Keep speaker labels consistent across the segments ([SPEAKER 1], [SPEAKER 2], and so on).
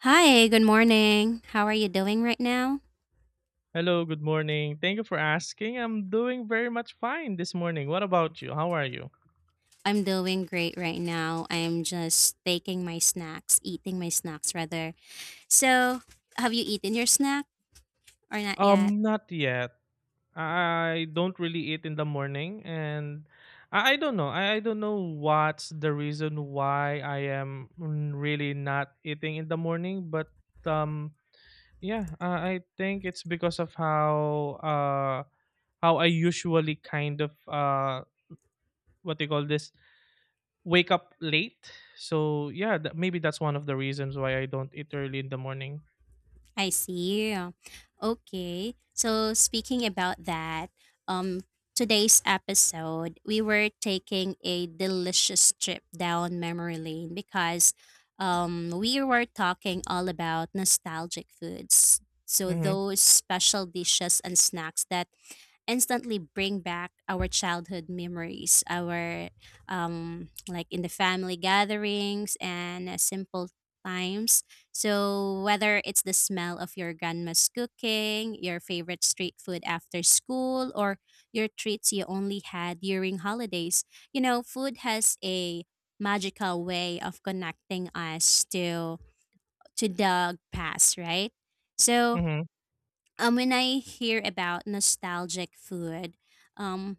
[SPEAKER 1] Hi, good morning. How are you doing right now?
[SPEAKER 2] Hello, good morning. Thank you for asking. I'm doing very much fine this morning. What about you? How are you?
[SPEAKER 1] I'm doing great right now. I'm just taking my snacks, eating my snacks rather. So, have you eaten your snack or not yet?
[SPEAKER 2] Not yet. I don't really eat in the morning, and I don't know. I don't know what's the reason why I am really not eating in the morning, but um, yeah, I think it's because of uh how I usually kind of, what do you call this, wake up late. So yeah, that, maybe that's one of the reasons why I don't eat early in the morning.
[SPEAKER 1] I see. Okay. So speaking about that, um today's episode we were taking a delicious trip down memory lane because we were talking all about nostalgic foods. So
[SPEAKER 2] Mm-hmm.
[SPEAKER 1] those special dishes and snacks that instantly bring back our childhood memories, our like in the family gatherings and simple times. So whether it's the smell of your grandma's cooking, your favorite street food after school, or your treats you only had during holidays, food has a magical way of connecting us to the past, right? So
[SPEAKER 2] Mm-hmm.
[SPEAKER 1] when I hear about nostalgic food, um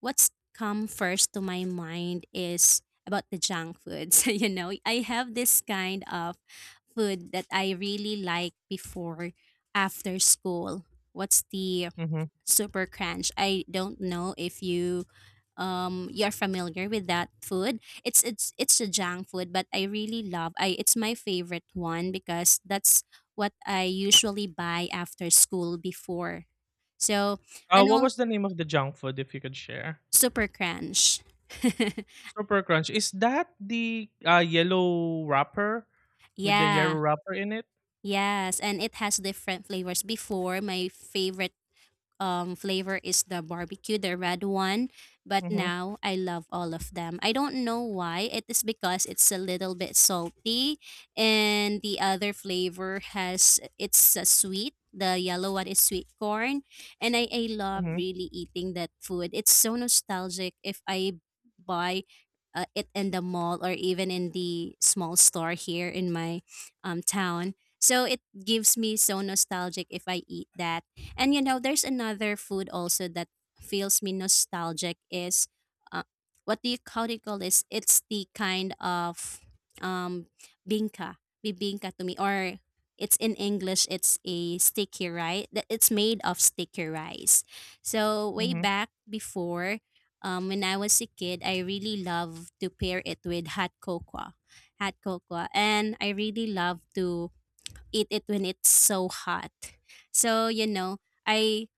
[SPEAKER 1] what's come first to my mind is about the junk foods. I have this kind of food that I really like before after school. What's the
[SPEAKER 2] Mm-hmm.
[SPEAKER 1] super crunch. I don't know if you're familiar with that food. It's a junk food, but I really love I it's my favorite one because that's what I usually buy after school before. So and
[SPEAKER 2] What
[SPEAKER 1] all
[SPEAKER 2] was the name of the junk food, if you could share?
[SPEAKER 1] super crunch.
[SPEAKER 2] Super Crunch. Is that the yellow wrapper with the yellow
[SPEAKER 1] yeah.
[SPEAKER 2] wrapper in it?
[SPEAKER 1] Yes, and it has different flavors. Before, my favorite flavor is the barbecue, the red one. But
[SPEAKER 2] Mm-hmm.
[SPEAKER 1] now I love all of them. I don't know why. It is because it's a little bit salty, and the other flavor has it's a sweet. The yellow one is sweet corn, and I love
[SPEAKER 2] Mm-hmm.
[SPEAKER 1] really eating that food. It's so nostalgic. If I buy it in the mall or even in the small store here in my town. So it gives me so nostalgic if I eat that. And you know, there's another food also that feels me nostalgic is uh, what do you call this? It's the kind of um bingka, bibingka to me, or it's in English, it's a sticky rice. It's made of sticky rice. So way
[SPEAKER 2] Mm-hmm.
[SPEAKER 1] back before, when I was a kid, I really love to pair it with hot cocoa, and I really love to eat it when it's so hot. So, I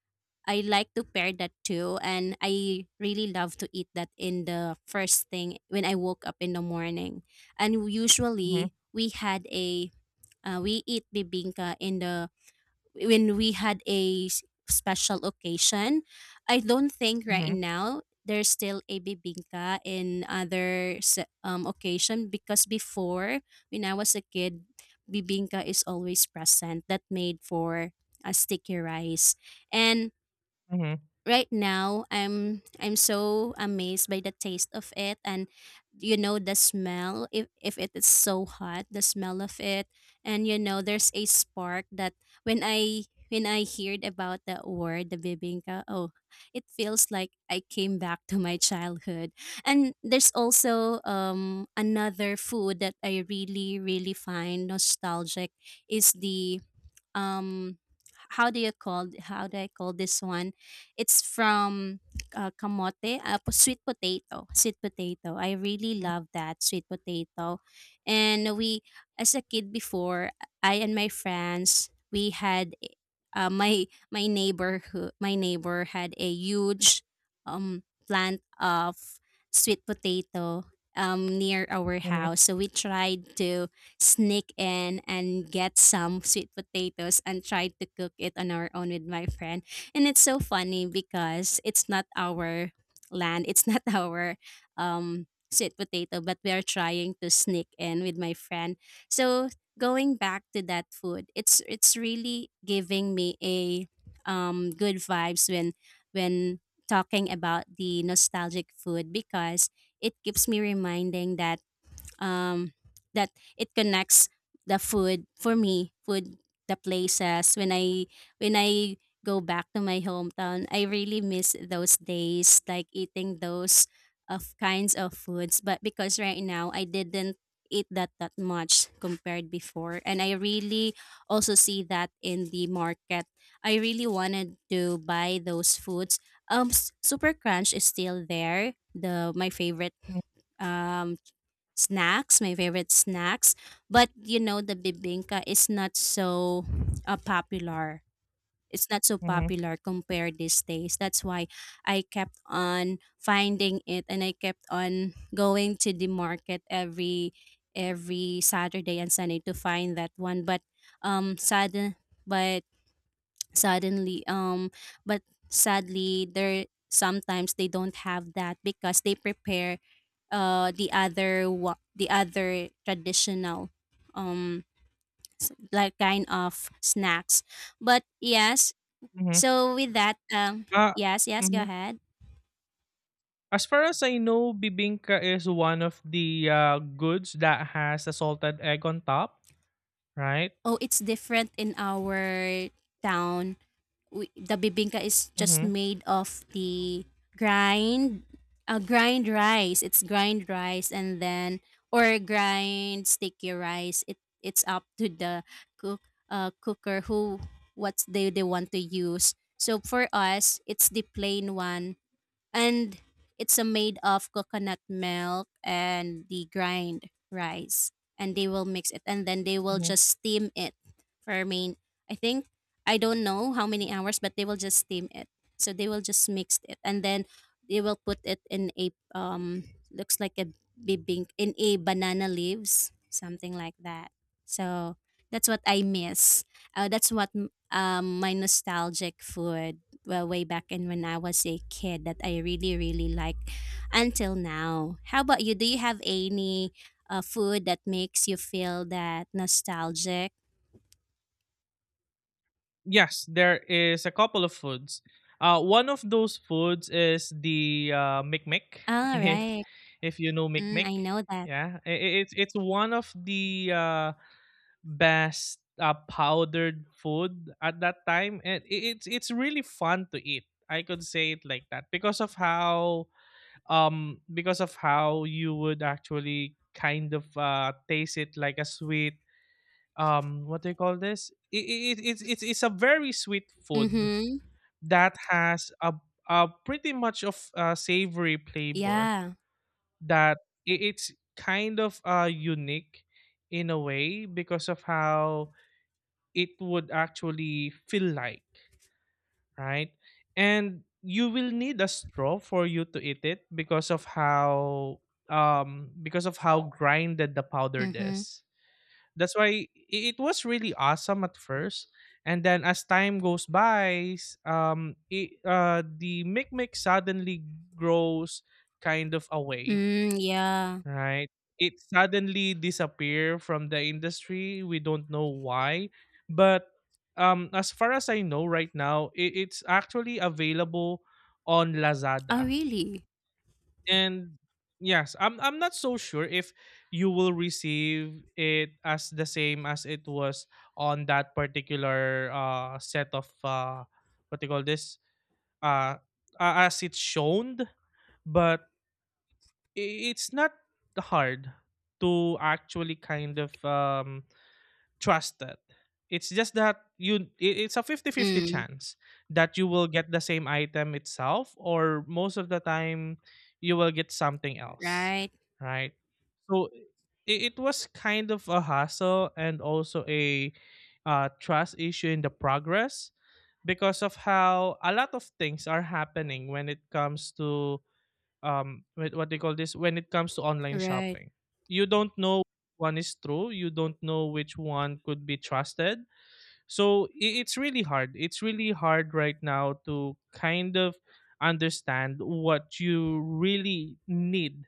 [SPEAKER 1] I like to pair that too, and I really love to eat that in the first thing when I woke up in the morning. And usually we had a we eat bibingka in the when we had a special occasion. I don't think right
[SPEAKER 2] Mm-hmm.
[SPEAKER 1] now there's still a bibingka in other occasion, because before, when I was a kid, bibingka is always present that made for a sticky rice, and
[SPEAKER 2] Mm-hmm.
[SPEAKER 1] right now I'm so amazed by the taste of it. And the smell, if it is so hot, the smell of it. And there's a spark that when I heard about that word, the bibingka, oh, it feels like I came back to my childhood. And there's also another food that I really really find nostalgic is the um how do I call this one? It's from kamote, sweet potato. I really
[SPEAKER 2] Mm-hmm.
[SPEAKER 1] love that sweet potato, and we as a kid before, I and my friends we had uh, my my neighbor who my neighbor had a huge plant of sweet potato near our
[SPEAKER 2] Mm-hmm.
[SPEAKER 1] house, so we tried to sneak in and get some sweet potatoes and try to cook it on our own with my friend. And it's so funny because it's not our land, it's not our sweet potato, but we are trying to sneak in with my friend. So going back to that food, it's really giving me a good vibes when talking about the nostalgic food, because it keeps me reminding um, that it connects the food for me, food, the places, when I go back to my hometown. I really miss those days, like eating those of kinds of foods, but because right now I didn't eat that that much compared before, and I really also see that in the market, I really wanted to buy those foods. Super crunch is still there, the my favorite um snacks, my favorite snacks. But the bibingka is not so popular. It's not so
[SPEAKER 2] Mm-hmm.
[SPEAKER 1] popular compared these days. That's why I kept on finding it, and I kept on going to the market every Saturday and Sunday to find that one. But sudden but suddenly but sadly there sometimes they don't have that because they prepare the other traditional um like kind of snacks, but yes.
[SPEAKER 2] Mm-hmm.
[SPEAKER 1] So with that,
[SPEAKER 2] Uh,
[SPEAKER 1] yes, yes, go
[SPEAKER 2] mm-hmm.
[SPEAKER 1] ahead.
[SPEAKER 2] As far as I know, bibingka is one of the goods that has a salted egg on top, right?
[SPEAKER 1] Oh, it's different in our town. The bibingka is just
[SPEAKER 2] Hmm.
[SPEAKER 1] made of grind, grind rice. It's grind rice, and then or grind sticky rice. It's up to the cook cooker, who what they want to use. So for us, it's the plain one, and it's a made of coconut milk and the grind rice, and they will mix it, and then they will
[SPEAKER 2] Hmm.
[SPEAKER 1] just steam it for I mean, I think, I don't know how many hours, but they will just steam it. So they will just mix it, and then they will put it in a looks like a bibink in a banana leaves, something like that. So that's what I miss, that's what my nostalgic food. Well, way back in when I was a kid that I really, really like until now. How about you? Do you have any food that makes you feel that nostalgic?
[SPEAKER 2] Yes, there is a couple of foods. One of those foods is the mikmik,
[SPEAKER 1] All
[SPEAKER 2] if
[SPEAKER 1] right.
[SPEAKER 2] if you know
[SPEAKER 1] Mm, I
[SPEAKER 2] mikmik.
[SPEAKER 1] know that.
[SPEAKER 2] Yeah, it's one of the best powdered food at that time, and it's really fun to eat. I could say it like that because of how you would actually kind of taste it like a sweet. Um, what do you call this, it, it's a very sweet food
[SPEAKER 1] Mm-hmm.
[SPEAKER 2] that has a pretty much of a savory flavor,
[SPEAKER 1] Yeah.
[SPEAKER 2] that it's kind of unique in a way because of how it would actually feel like, right? And you will need a straw for you to eat it because of how grinded the powder
[SPEAKER 1] Mm-hmm.
[SPEAKER 2] is. That's why it was really awesome at first, and then as time goes by, the micmic suddenly grows kind of away,
[SPEAKER 1] Mm, yeah.
[SPEAKER 2] right? It suddenly disappear from the industry, we don't know why. But as far as I know right now, it's actually available on
[SPEAKER 1] Oh,
[SPEAKER 2] Lazada.
[SPEAKER 1] really?
[SPEAKER 2] And yes, I'm not so sure if you will receive it as the same as it was on that particular set of, what do you call this, uh as it's shown. But it's not hard to actually kind of, trust that. It's just that you it's a fifty-fifty
[SPEAKER 1] Mm,
[SPEAKER 2] chance that you will get the same item itself, or most of the time you will get something else,
[SPEAKER 1] right.
[SPEAKER 2] right? So it was kind of a hassle and also a trust issue in the progress because of how a lot of things are happening when it comes to, with what they call this, when it comes to online
[SPEAKER 1] Right.
[SPEAKER 2] shopping. You don't know one is true, you don't know which one could be trusted. So it's really hard, it's really hard right now to kind of understand what you really need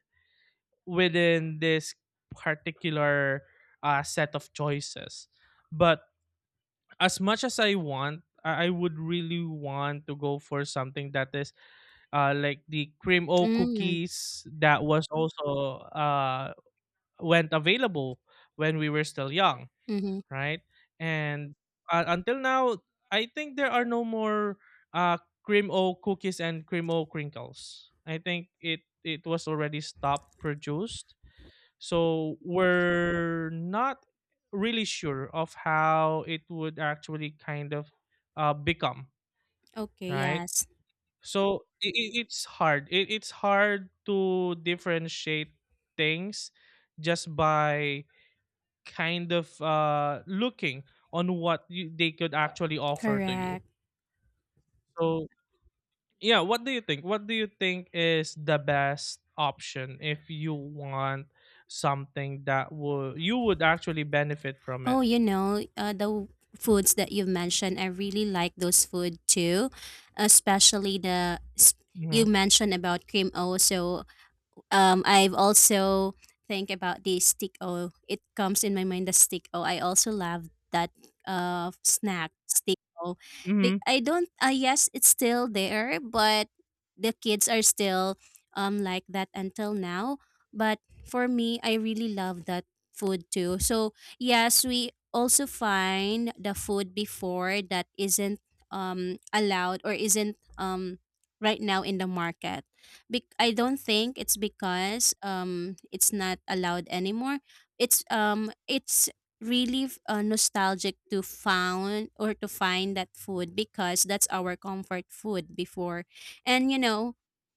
[SPEAKER 2] within this particular set of choices. But as much as I want, I would really want to go for something that is, like the Cream O
[SPEAKER 1] Mm,
[SPEAKER 2] cookies that was also went available when we were still young,
[SPEAKER 1] mm-hmm.
[SPEAKER 2] right? And until now, I think there are no more uh, Cream O cookies and Cream O crinkles. I think it it was already stopped produced, so we're not really sure of how it would actually kind of become,
[SPEAKER 1] Okay,
[SPEAKER 2] right?
[SPEAKER 1] yes.
[SPEAKER 2] So it's hard. It's hard to differentiate things just by kind of looking on what you, they could actually offer to you.
[SPEAKER 1] Correct.
[SPEAKER 2] So yeah, what do you think? What do you think is the best option if you want something that would you would actually benefit from it?
[SPEAKER 1] Oh, the foods that you've mentioned, I really like those food too, especially the you
[SPEAKER 2] Mm-hmm.
[SPEAKER 1] mentioned about cream o. So I've also think about the stick o. It comes in my mind the stick o. I also love that snack stick o.
[SPEAKER 2] Mm-hmm.
[SPEAKER 1] I don't, yes, it's still there, but the kids are still like that until now. But for me, I really love that food too. So yes, we also find the food before that isn't allowed or isn't right now in the market. I don't think it's because it's not allowed anymore. It's really nostalgic to found or to find that food because that's our comfort food before. And you know,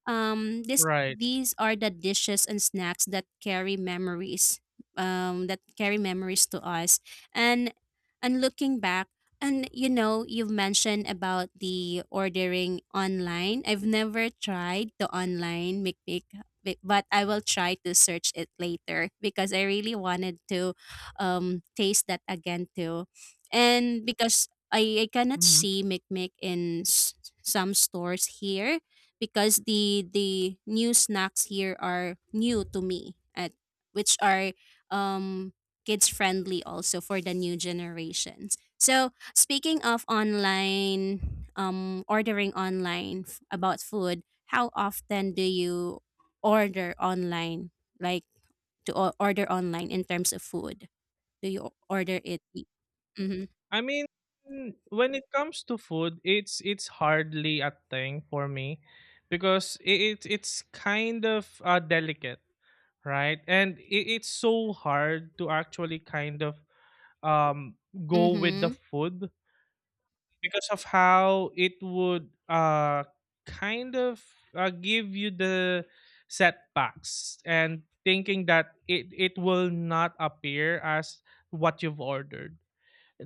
[SPEAKER 1] um this
[SPEAKER 2] Right.
[SPEAKER 1] these are the dishes and snacks that carry memories to us. And looking back, and you've mentioned about the ordering online. I've never tried the online McPick, but I will try to search it later because I really wanted to taste that again too. And because I cannot
[SPEAKER 2] Mm-hmm.
[SPEAKER 1] see McMick in some stores here, because the new snacks here are new to me at which are um kids friendly also for the new generations. So speaking of online, ordering online about food, how often do you order online? Like to order online in terms of food, do you order it? Mm-hmm.
[SPEAKER 2] I mean, when it comes to food, it's hardly a thing for me because it it's kind of delicate, right? And it's so hard to actually kind of, um go with the
[SPEAKER 1] Mm-hmm.
[SPEAKER 2] food because of how it would kind of, give you the setbacks and thinking that it will not appear as what you've ordered.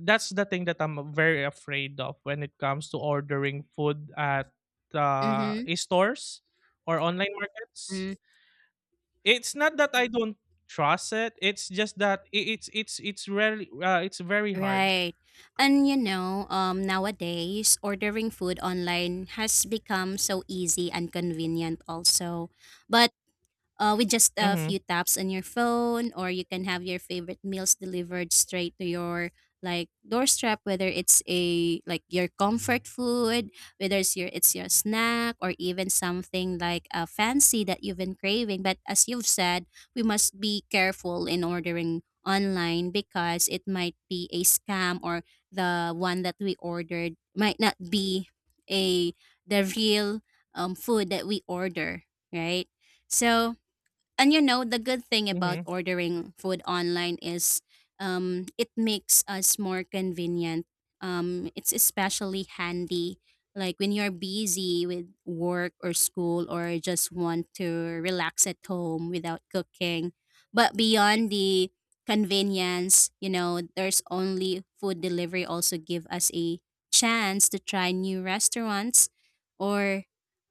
[SPEAKER 2] That's the thing that I'm very afraid of when it comes to ordering food at
[SPEAKER 1] Mm-hmm.
[SPEAKER 2] stores or online markets.
[SPEAKER 1] Mm.
[SPEAKER 2] It's not that I don't trust it. It's just that it's it's rarely it's very hard.
[SPEAKER 1] Right. And nowadays ordering food online has become so easy and convenient also. But with just a
[SPEAKER 2] Mhm.
[SPEAKER 1] few taps on your phone, or you can have your favorite meals delivered straight to your like doorstep, whether it's a like your comfort food, whether it's your snack, or even something like a fancy that you've been craving, but as you've said, we must be careful in ordering online because it might be a scam, or the one that we ordered might not be a the real, food that we order, right? So and the good thing about
[SPEAKER 2] Mhm.
[SPEAKER 1] ordering food online is, it makes us more convenient. It's especially handy, like when you're busy with work or school, or just want to relax at home without cooking. But beyond the convenience, there's only food delivery also give us a chance to try new restaurants, or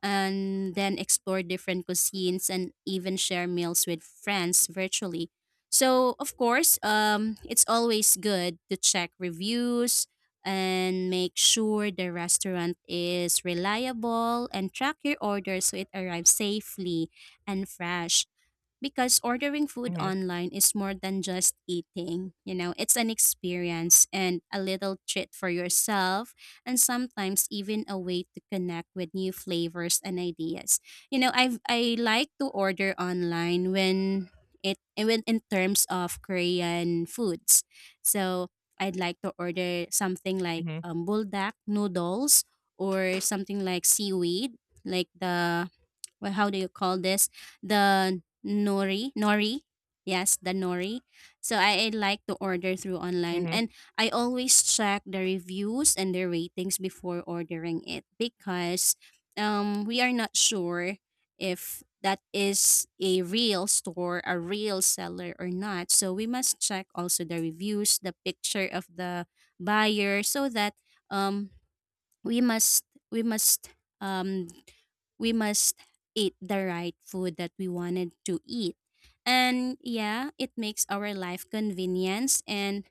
[SPEAKER 1] and then explore different cuisines, and even share meals with friends virtually. So, of course, it's always good to check reviews and make sure the restaurant is reliable, and track your order so it arrives safely and fresh, because ordering food
[SPEAKER 2] Mhm.
[SPEAKER 1] online is more than just eating. It's an experience and a little treat for yourself, and sometimes even a way to connect with new flavors and ideas. I like to order online when it when in terms of Korean foods. So I'd like to order something like
[SPEAKER 2] Mhm.
[SPEAKER 1] buldak noodles, or something like seaweed, like the well, how do you call this? The nori, nori. Yes, the nori. So I like to order through online,
[SPEAKER 2] Mhm.
[SPEAKER 1] and I always check the reviews and the ratings before ordering it because we are not sure if that is a real store, a real seller or not. So we must check also the reviews, the picture of the buyer so that um we must we must um we must eat the right food that we wanted to eat. And yeah, it makes our life convenience. And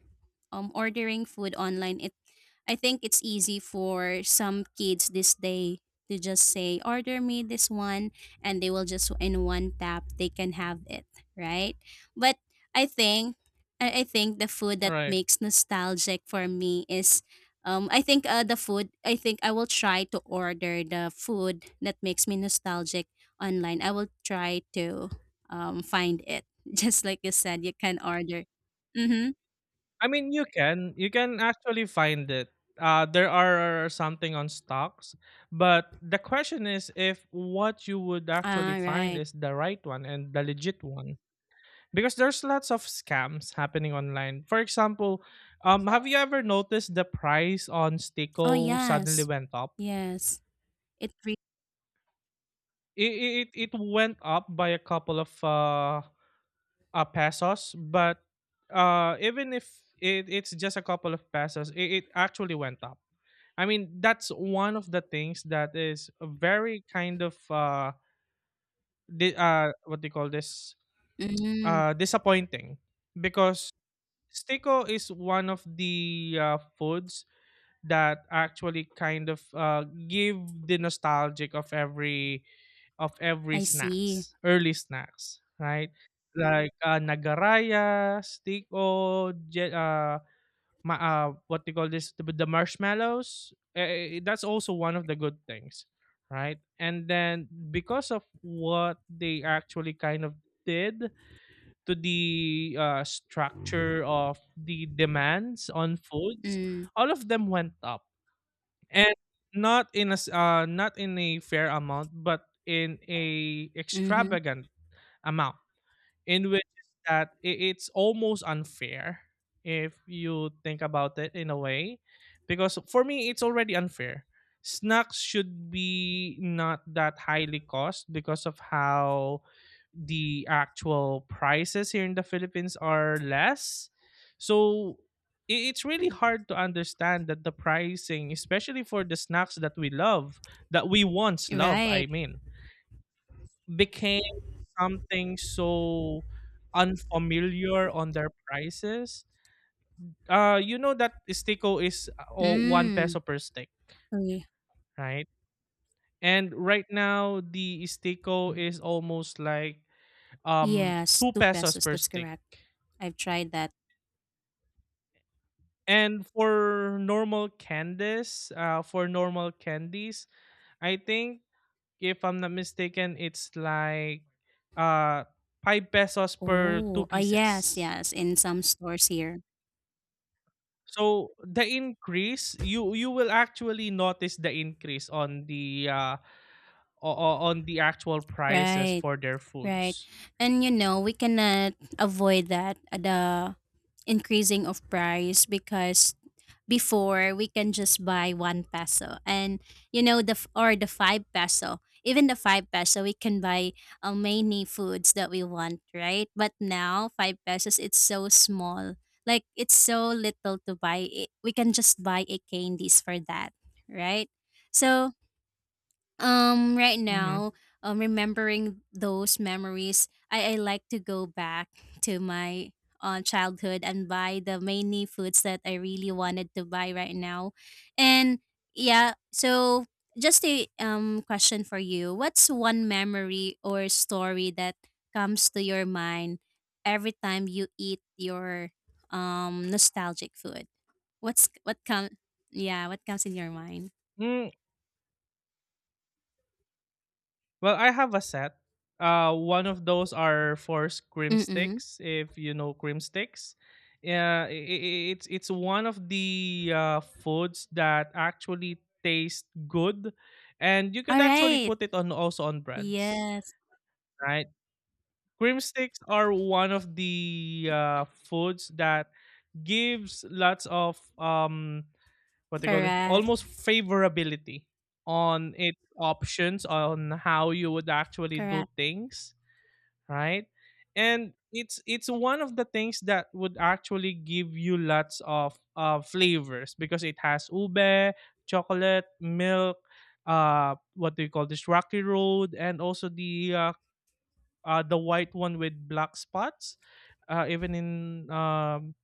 [SPEAKER 1] ordering food online, it I think it's easy for some kids this day to just say, order me this one, and they will just, in one tap, they can have it, right? But I think, I think the food that
[SPEAKER 2] Right.
[SPEAKER 1] makes nostalgic for me is, I think, the food, I think I will try to order the food that makes me nostalgic online. I will try to find it. Just like you said, you can order. Mm-hmm.
[SPEAKER 2] I mean, you can actually find it. There are something on stocks, but the question is if what you would actually
[SPEAKER 1] All
[SPEAKER 2] find
[SPEAKER 1] right.
[SPEAKER 2] is the right one and the legit one, because there's lots of scams happening online. For example, have you ever noticed the price on
[SPEAKER 1] Oh,
[SPEAKER 2] Stico suddenly
[SPEAKER 1] yes.
[SPEAKER 2] went up?
[SPEAKER 1] Yes. It re-
[SPEAKER 2] It went up by a couple of pesos, but even if it's just a couple of pesos, it actually went up. I mean, that's one of the things that is very kind of, what do you call this,
[SPEAKER 1] mm,
[SPEAKER 2] disappointing, because Stiko is one of the foods that actually kind of give the nostalgic of every, of every
[SPEAKER 1] I see.
[SPEAKER 2] snacks, early snacks, right? Like, nagaraya, stiko, what they call this, the marshmallows. That's also one of the good things, right? And then because of what they actually kind of did to the structure of the demands on foods,
[SPEAKER 1] Mm,
[SPEAKER 2] all of them went up, and not in a not in a fair amount, but in a
[SPEAKER 1] mm-hmm.
[SPEAKER 2] extravagant amount, in which is that it's almost unfair if you think about it in a way. Because for me it's already unfair, snacks should be not that highly cost because of how the actual prices here in the Philippines are less. So it's really hard to understand that the pricing, especially for the snacks that we love, that we once love,
[SPEAKER 1] Right.
[SPEAKER 2] I mean, became something so unfamiliar on their prices. You know that Istico is one
[SPEAKER 1] Mm.
[SPEAKER 2] peso per stick,
[SPEAKER 1] Okay.
[SPEAKER 2] right? And right now the Istico is almost like,
[SPEAKER 1] Yes,
[SPEAKER 2] two
[SPEAKER 1] two
[SPEAKER 2] pesos
[SPEAKER 1] pesos.
[SPEAKER 2] per
[SPEAKER 1] That's
[SPEAKER 2] stick.
[SPEAKER 1] correct. I've tried that.
[SPEAKER 2] And for normal candies, I think, if I'm not mistaken, it's like uh five pesos per
[SPEAKER 1] Oh,
[SPEAKER 2] two
[SPEAKER 1] ah, yes,
[SPEAKER 2] pieces.
[SPEAKER 1] yes. In some stores here.
[SPEAKER 2] So the increase, you will actually notice the increase on the on the actual prices
[SPEAKER 1] Right,
[SPEAKER 2] for their
[SPEAKER 1] right.
[SPEAKER 2] foods.
[SPEAKER 1] And you know, we cannot avoid that, the increasing of price because before we can just buy 1 peso, and you know or the 5 peso, even the 5 peso we can buy many foods that we want, right? But now 5 pesos, it's so small, like it's so little to buy it. We can just buy a candies for that, right? So right
[SPEAKER 2] Hmm.
[SPEAKER 1] now, remembering those memories, I like to go back to my childhood and buy the many foods that I really wanted to buy right now. And yeah, so just a question for you. What's one memory or story that comes to your mind every time you eat your nostalgic food? What's what come Yeah, what comes in your mind?
[SPEAKER 2] Mm, well, I have a set. One of those are for cream
[SPEAKER 1] Mm-mm.
[SPEAKER 2] sticks, if you know cream sticks. Yeah, it's one of the foods that actually taste good, and you
[SPEAKER 1] All
[SPEAKER 2] could actually
[SPEAKER 1] right.
[SPEAKER 2] put it on also on breads,
[SPEAKER 1] Yes,
[SPEAKER 2] right? Cream sticks are one of the foods that gives lots of, what they call it,
[SPEAKER 1] correct,
[SPEAKER 2] almost favorability on its options on how you would actually do
[SPEAKER 1] correct.
[SPEAKER 2] things, right? And it's one of the things that would actually give you lots of flavors, because it has ube, chocolate milk, what do you call this, rocky road, and also the, the white one with black spots, even in, um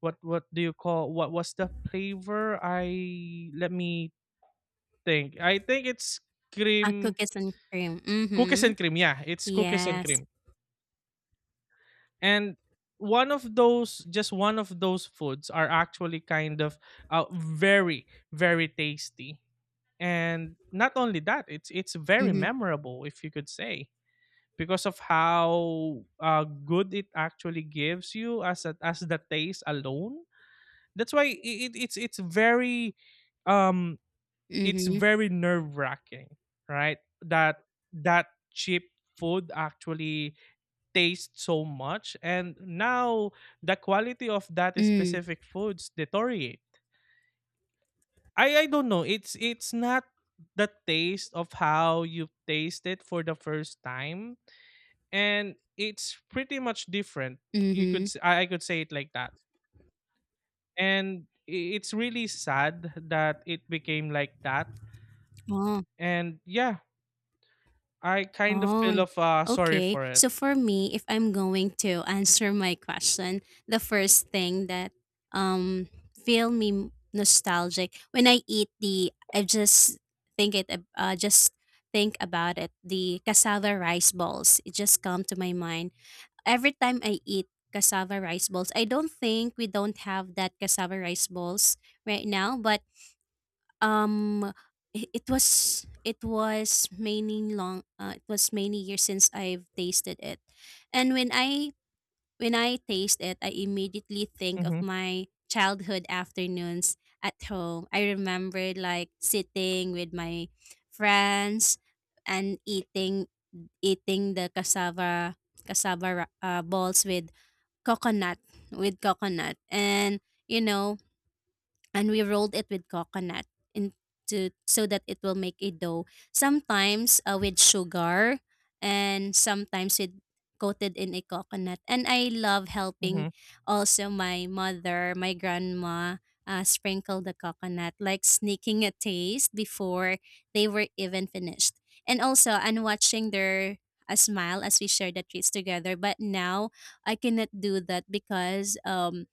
[SPEAKER 2] what what do you call, what was the flavor, I let me think. I think it's
[SPEAKER 1] Ah,
[SPEAKER 2] cream,
[SPEAKER 1] cookies and cream,
[SPEAKER 2] cookies
[SPEAKER 1] mhm.
[SPEAKER 2] and cream. Yeah, it's cookies and
[SPEAKER 1] Yes,
[SPEAKER 2] cream. And one of those, just one of those foods are actually kind of, very very tasty. And not only that, it's very
[SPEAKER 1] mhm,
[SPEAKER 2] memorable, if you could say, because of how good it actually gives you as as the taste alone. That's why it's very, um it's
[SPEAKER 1] mhm,
[SPEAKER 2] very nerve wracking, right? That that cheap food actually tastes so much, and now the quality of that
[SPEAKER 1] mm,
[SPEAKER 2] specific foods deteriorate. I don't know. It's not the taste of how you taste it for the first time, and it's pretty much different. You could
[SPEAKER 1] mhm.
[SPEAKER 2] I could say it like that, and it's really sad that it became like that.
[SPEAKER 1] Oh,
[SPEAKER 2] And yeah, I kind of
[SPEAKER 1] oh,
[SPEAKER 2] feel
[SPEAKER 1] n-
[SPEAKER 2] of sorry
[SPEAKER 1] okay.
[SPEAKER 2] for it.
[SPEAKER 1] So for me, if I'm going to answer my question, the first thing that, um, feel me nostalgic when I eat the I just think it, just think about it, the cassava rice balls, it just come to my mind. Every time I eat cassava rice balls, I don't think we don't have that cassava rice balls right now, but um it was many years since I've tasted it. And when I taste it, I immediately think of
[SPEAKER 2] Mhm.
[SPEAKER 1] my childhood afternoons at home. I remember like sitting with my friends and eating the cassava balls with coconut with coconut, and you know, and we rolled it with coconut into so that it will make a dough. Sometimes with sugar and sometimes with coated in a coconut. And I love helping
[SPEAKER 2] Mhm.
[SPEAKER 1] also my mother, my grandma sprinkle the coconut, like sneaking a taste before they were even finished. And also, and watching their a smile as we share the treats together. But now I cannot do that because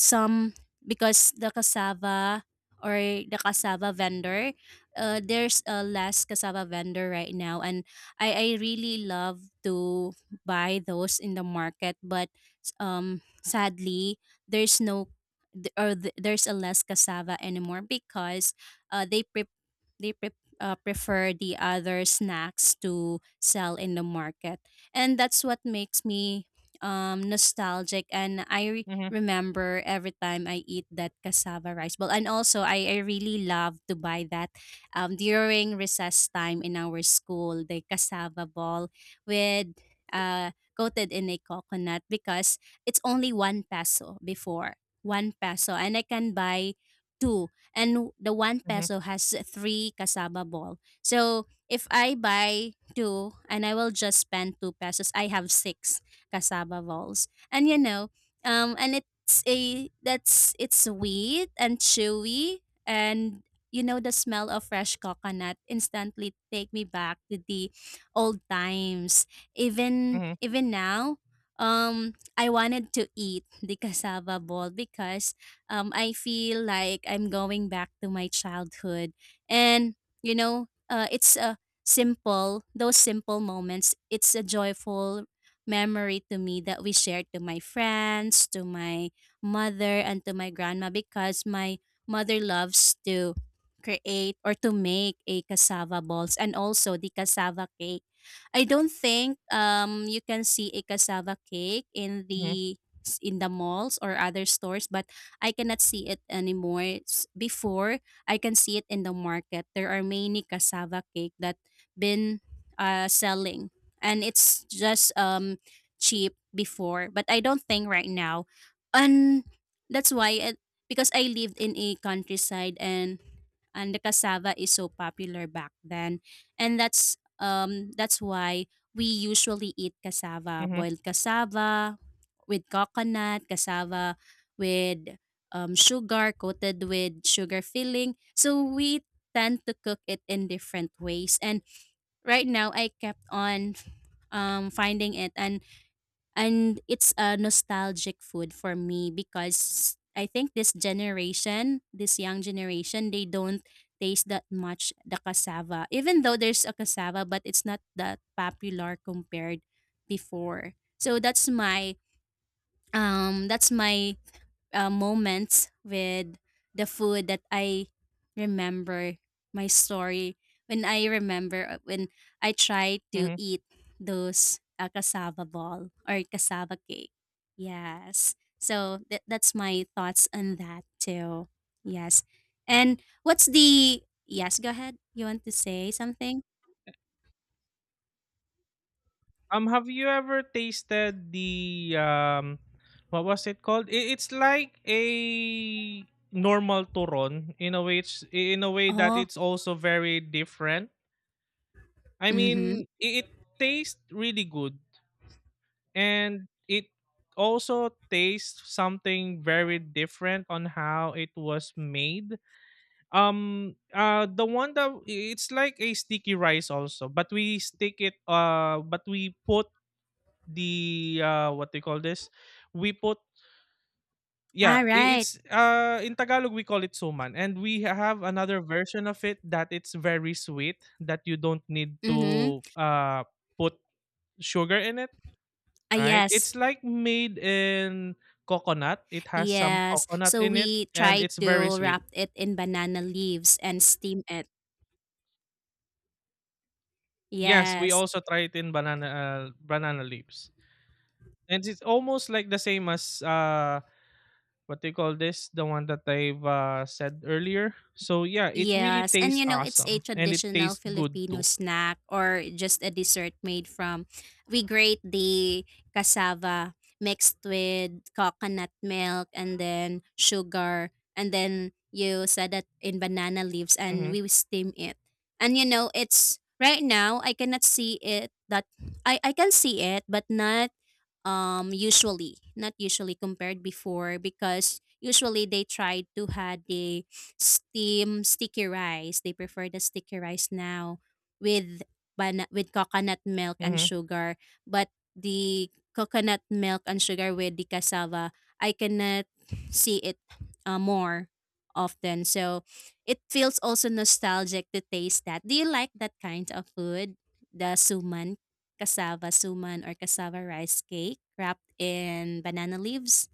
[SPEAKER 1] some because the cassava or the cassava vendor, there's a less cassava vendor right now, and I really love to buy those in the market, but sadly there's no there's a less cassava anymore because uh they pre- they pre- prefer the other snacks to sell in the market, and that's what makes me nostalgic. And I
[SPEAKER 2] Mhm.
[SPEAKER 1] remember every time I eat that cassava rice ball. And also, I really love to buy that during recess time in our school, the cassava ball with uh, coated in a coconut because it's only 1 peso before. 1 peso. And I can buy two. And the one
[SPEAKER 2] Mhm.
[SPEAKER 1] peso has three cassava ball. So if I buy two and I will just spend 2 pesos, I have six cassava balls. And you know, and it's a that's it's sweet and chewy, and you know, the smell of fresh coconut instantly take me back to the old times, even
[SPEAKER 2] Mhm.
[SPEAKER 1] now. I wanted to eat the cassava ball because I feel like I'm going back to my childhood, and you know, it's a simple, those simple moments, it's a joyful memory to me that we shared to my friends, to my mother, and to my grandma because my mother loves to create or to make a cassava balls and also the cassava cake. I don't think you can see a cassava cake in
[SPEAKER 2] Mhm.
[SPEAKER 1] the malls or other stores, but I cannot see it anymore. Before I can see it in the market. There are many cassava cake that been selling, and it's just cheap before, but I don't think right now. And that's why it, because I lived in a countryside, and the cassava is so popular back then. And that's why we usually eat cassava,
[SPEAKER 2] Mhm.
[SPEAKER 1] boiled cassava with coconut, cassava with sugar, coated with sugar filling. So we tend to cook it in different ways. And right now I kept on finding it, and it's a nostalgic food for me because I think this generation, this young generation, they don't taste that much the cassava. Even though there's a cassava, but it's not that popular compared before. So that's my moments with the food that I remember, my story when I remember when I tried to
[SPEAKER 2] Mhm.
[SPEAKER 1] eat those cassava ball or cassava cake. Yes. So that's my thoughts on that too. Yes. And what's the yes, go ahead. You want to say something?
[SPEAKER 2] Have you ever tasted the, what was it called? It's like a normal turon in a way. It's in a way that
[SPEAKER 1] Oh,
[SPEAKER 2] it's also very different. I
[SPEAKER 1] mm-hmm.
[SPEAKER 2] mean, it tastes really good, and it also tastes something very different on how it was made. The one that it's like a sticky rice also, but we stick it, but we put the, what they call this? We put,
[SPEAKER 1] All
[SPEAKER 2] yeah,
[SPEAKER 1] right.
[SPEAKER 2] it's, in Tagalog we call it suman. And we have another version of it that it's very sweet that you don't need
[SPEAKER 1] Mm-hmm.
[SPEAKER 2] to put sugar in it.
[SPEAKER 1] Ah,
[SPEAKER 2] Right?
[SPEAKER 1] yes.
[SPEAKER 2] It's like made in coconut. It has some
[SPEAKER 1] Yes.
[SPEAKER 2] coconut
[SPEAKER 1] So
[SPEAKER 2] in it,
[SPEAKER 1] we
[SPEAKER 2] and
[SPEAKER 1] try
[SPEAKER 2] it's very
[SPEAKER 1] to
[SPEAKER 2] sweet.
[SPEAKER 1] wrap it in banana leaves and steam it.
[SPEAKER 2] Yes, we
[SPEAKER 1] Yes.
[SPEAKER 2] also try it in banana leaves. And it's almost like the same as, what they call this, the one that I've said earlier. So yeah, it really
[SPEAKER 1] Yes. And
[SPEAKER 2] tastes
[SPEAKER 1] you know, it's a
[SPEAKER 2] awesome, and it
[SPEAKER 1] traditional
[SPEAKER 2] tastes good
[SPEAKER 1] Filipino
[SPEAKER 2] too.
[SPEAKER 1] snack or just a dessert made from we grate the cassava mixed with coconut milk and then sugar, and then you set it in banana leaves and
[SPEAKER 2] Mhm.
[SPEAKER 1] we steam it. And you know, it's right now I cannot see it that I can see it, but not usually, not usually compared before, because usually they try to had the steam sticky rice. They prefer the sticky rice now with with coconut milk and
[SPEAKER 2] Mhm.
[SPEAKER 1] sugar, but the coconut milk and sugar with the cassava I cannot see it more often. So it feels also nostalgic to taste that. Do you like that kind of food, the suman, cassava suman or cassava rice cake wrapped in banana leaves?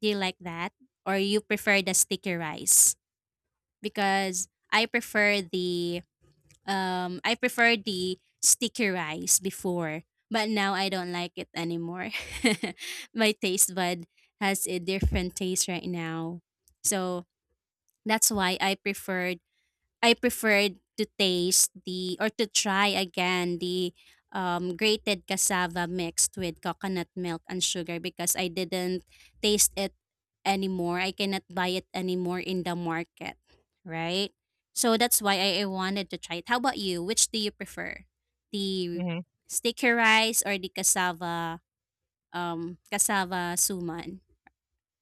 [SPEAKER 1] Do you like that? Or you prefer the sticky rice? Because I prefer the sticky rice before, but now I don't like it anymore. My taste bud has a different taste right now. So that's why I prefer. I preferred to taste the or to try again the grated cassava mixed with coconut milk and sugar because I didn't taste it anymore. I cannot buy it anymore in the market, right? So that's why I wanted to try it. How about you? Which do you prefer? The
[SPEAKER 2] Mhm.
[SPEAKER 1] sticky rice or the cassava cassava suman?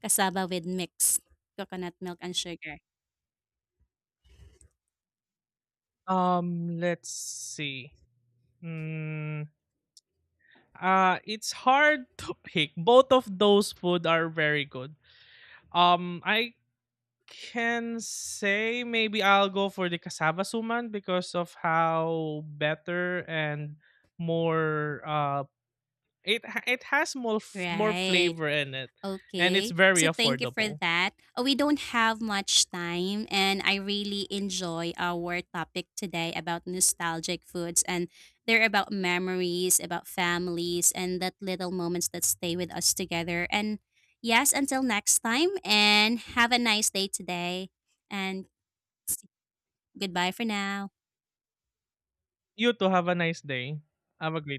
[SPEAKER 1] Cassava with mixed coconut milk and sugar.
[SPEAKER 2] Let's see. Mm, it's hard to pick. Both of those food are very good. I can say maybe I'll go for the cassava suman because of how better and more, it it has more more
[SPEAKER 1] Right.
[SPEAKER 2] flavor in it, and it's
[SPEAKER 1] Okay.
[SPEAKER 2] very
[SPEAKER 1] So thank you for
[SPEAKER 2] affordable.
[SPEAKER 1] that. We don't have much time, and I really enjoy our topic today about nostalgic foods. And they're about memories, about families, and that little moments that stay with us together. And yes, until next time, and have a nice day today. And s- goodbye for now.
[SPEAKER 2] You too have a nice day. Have a great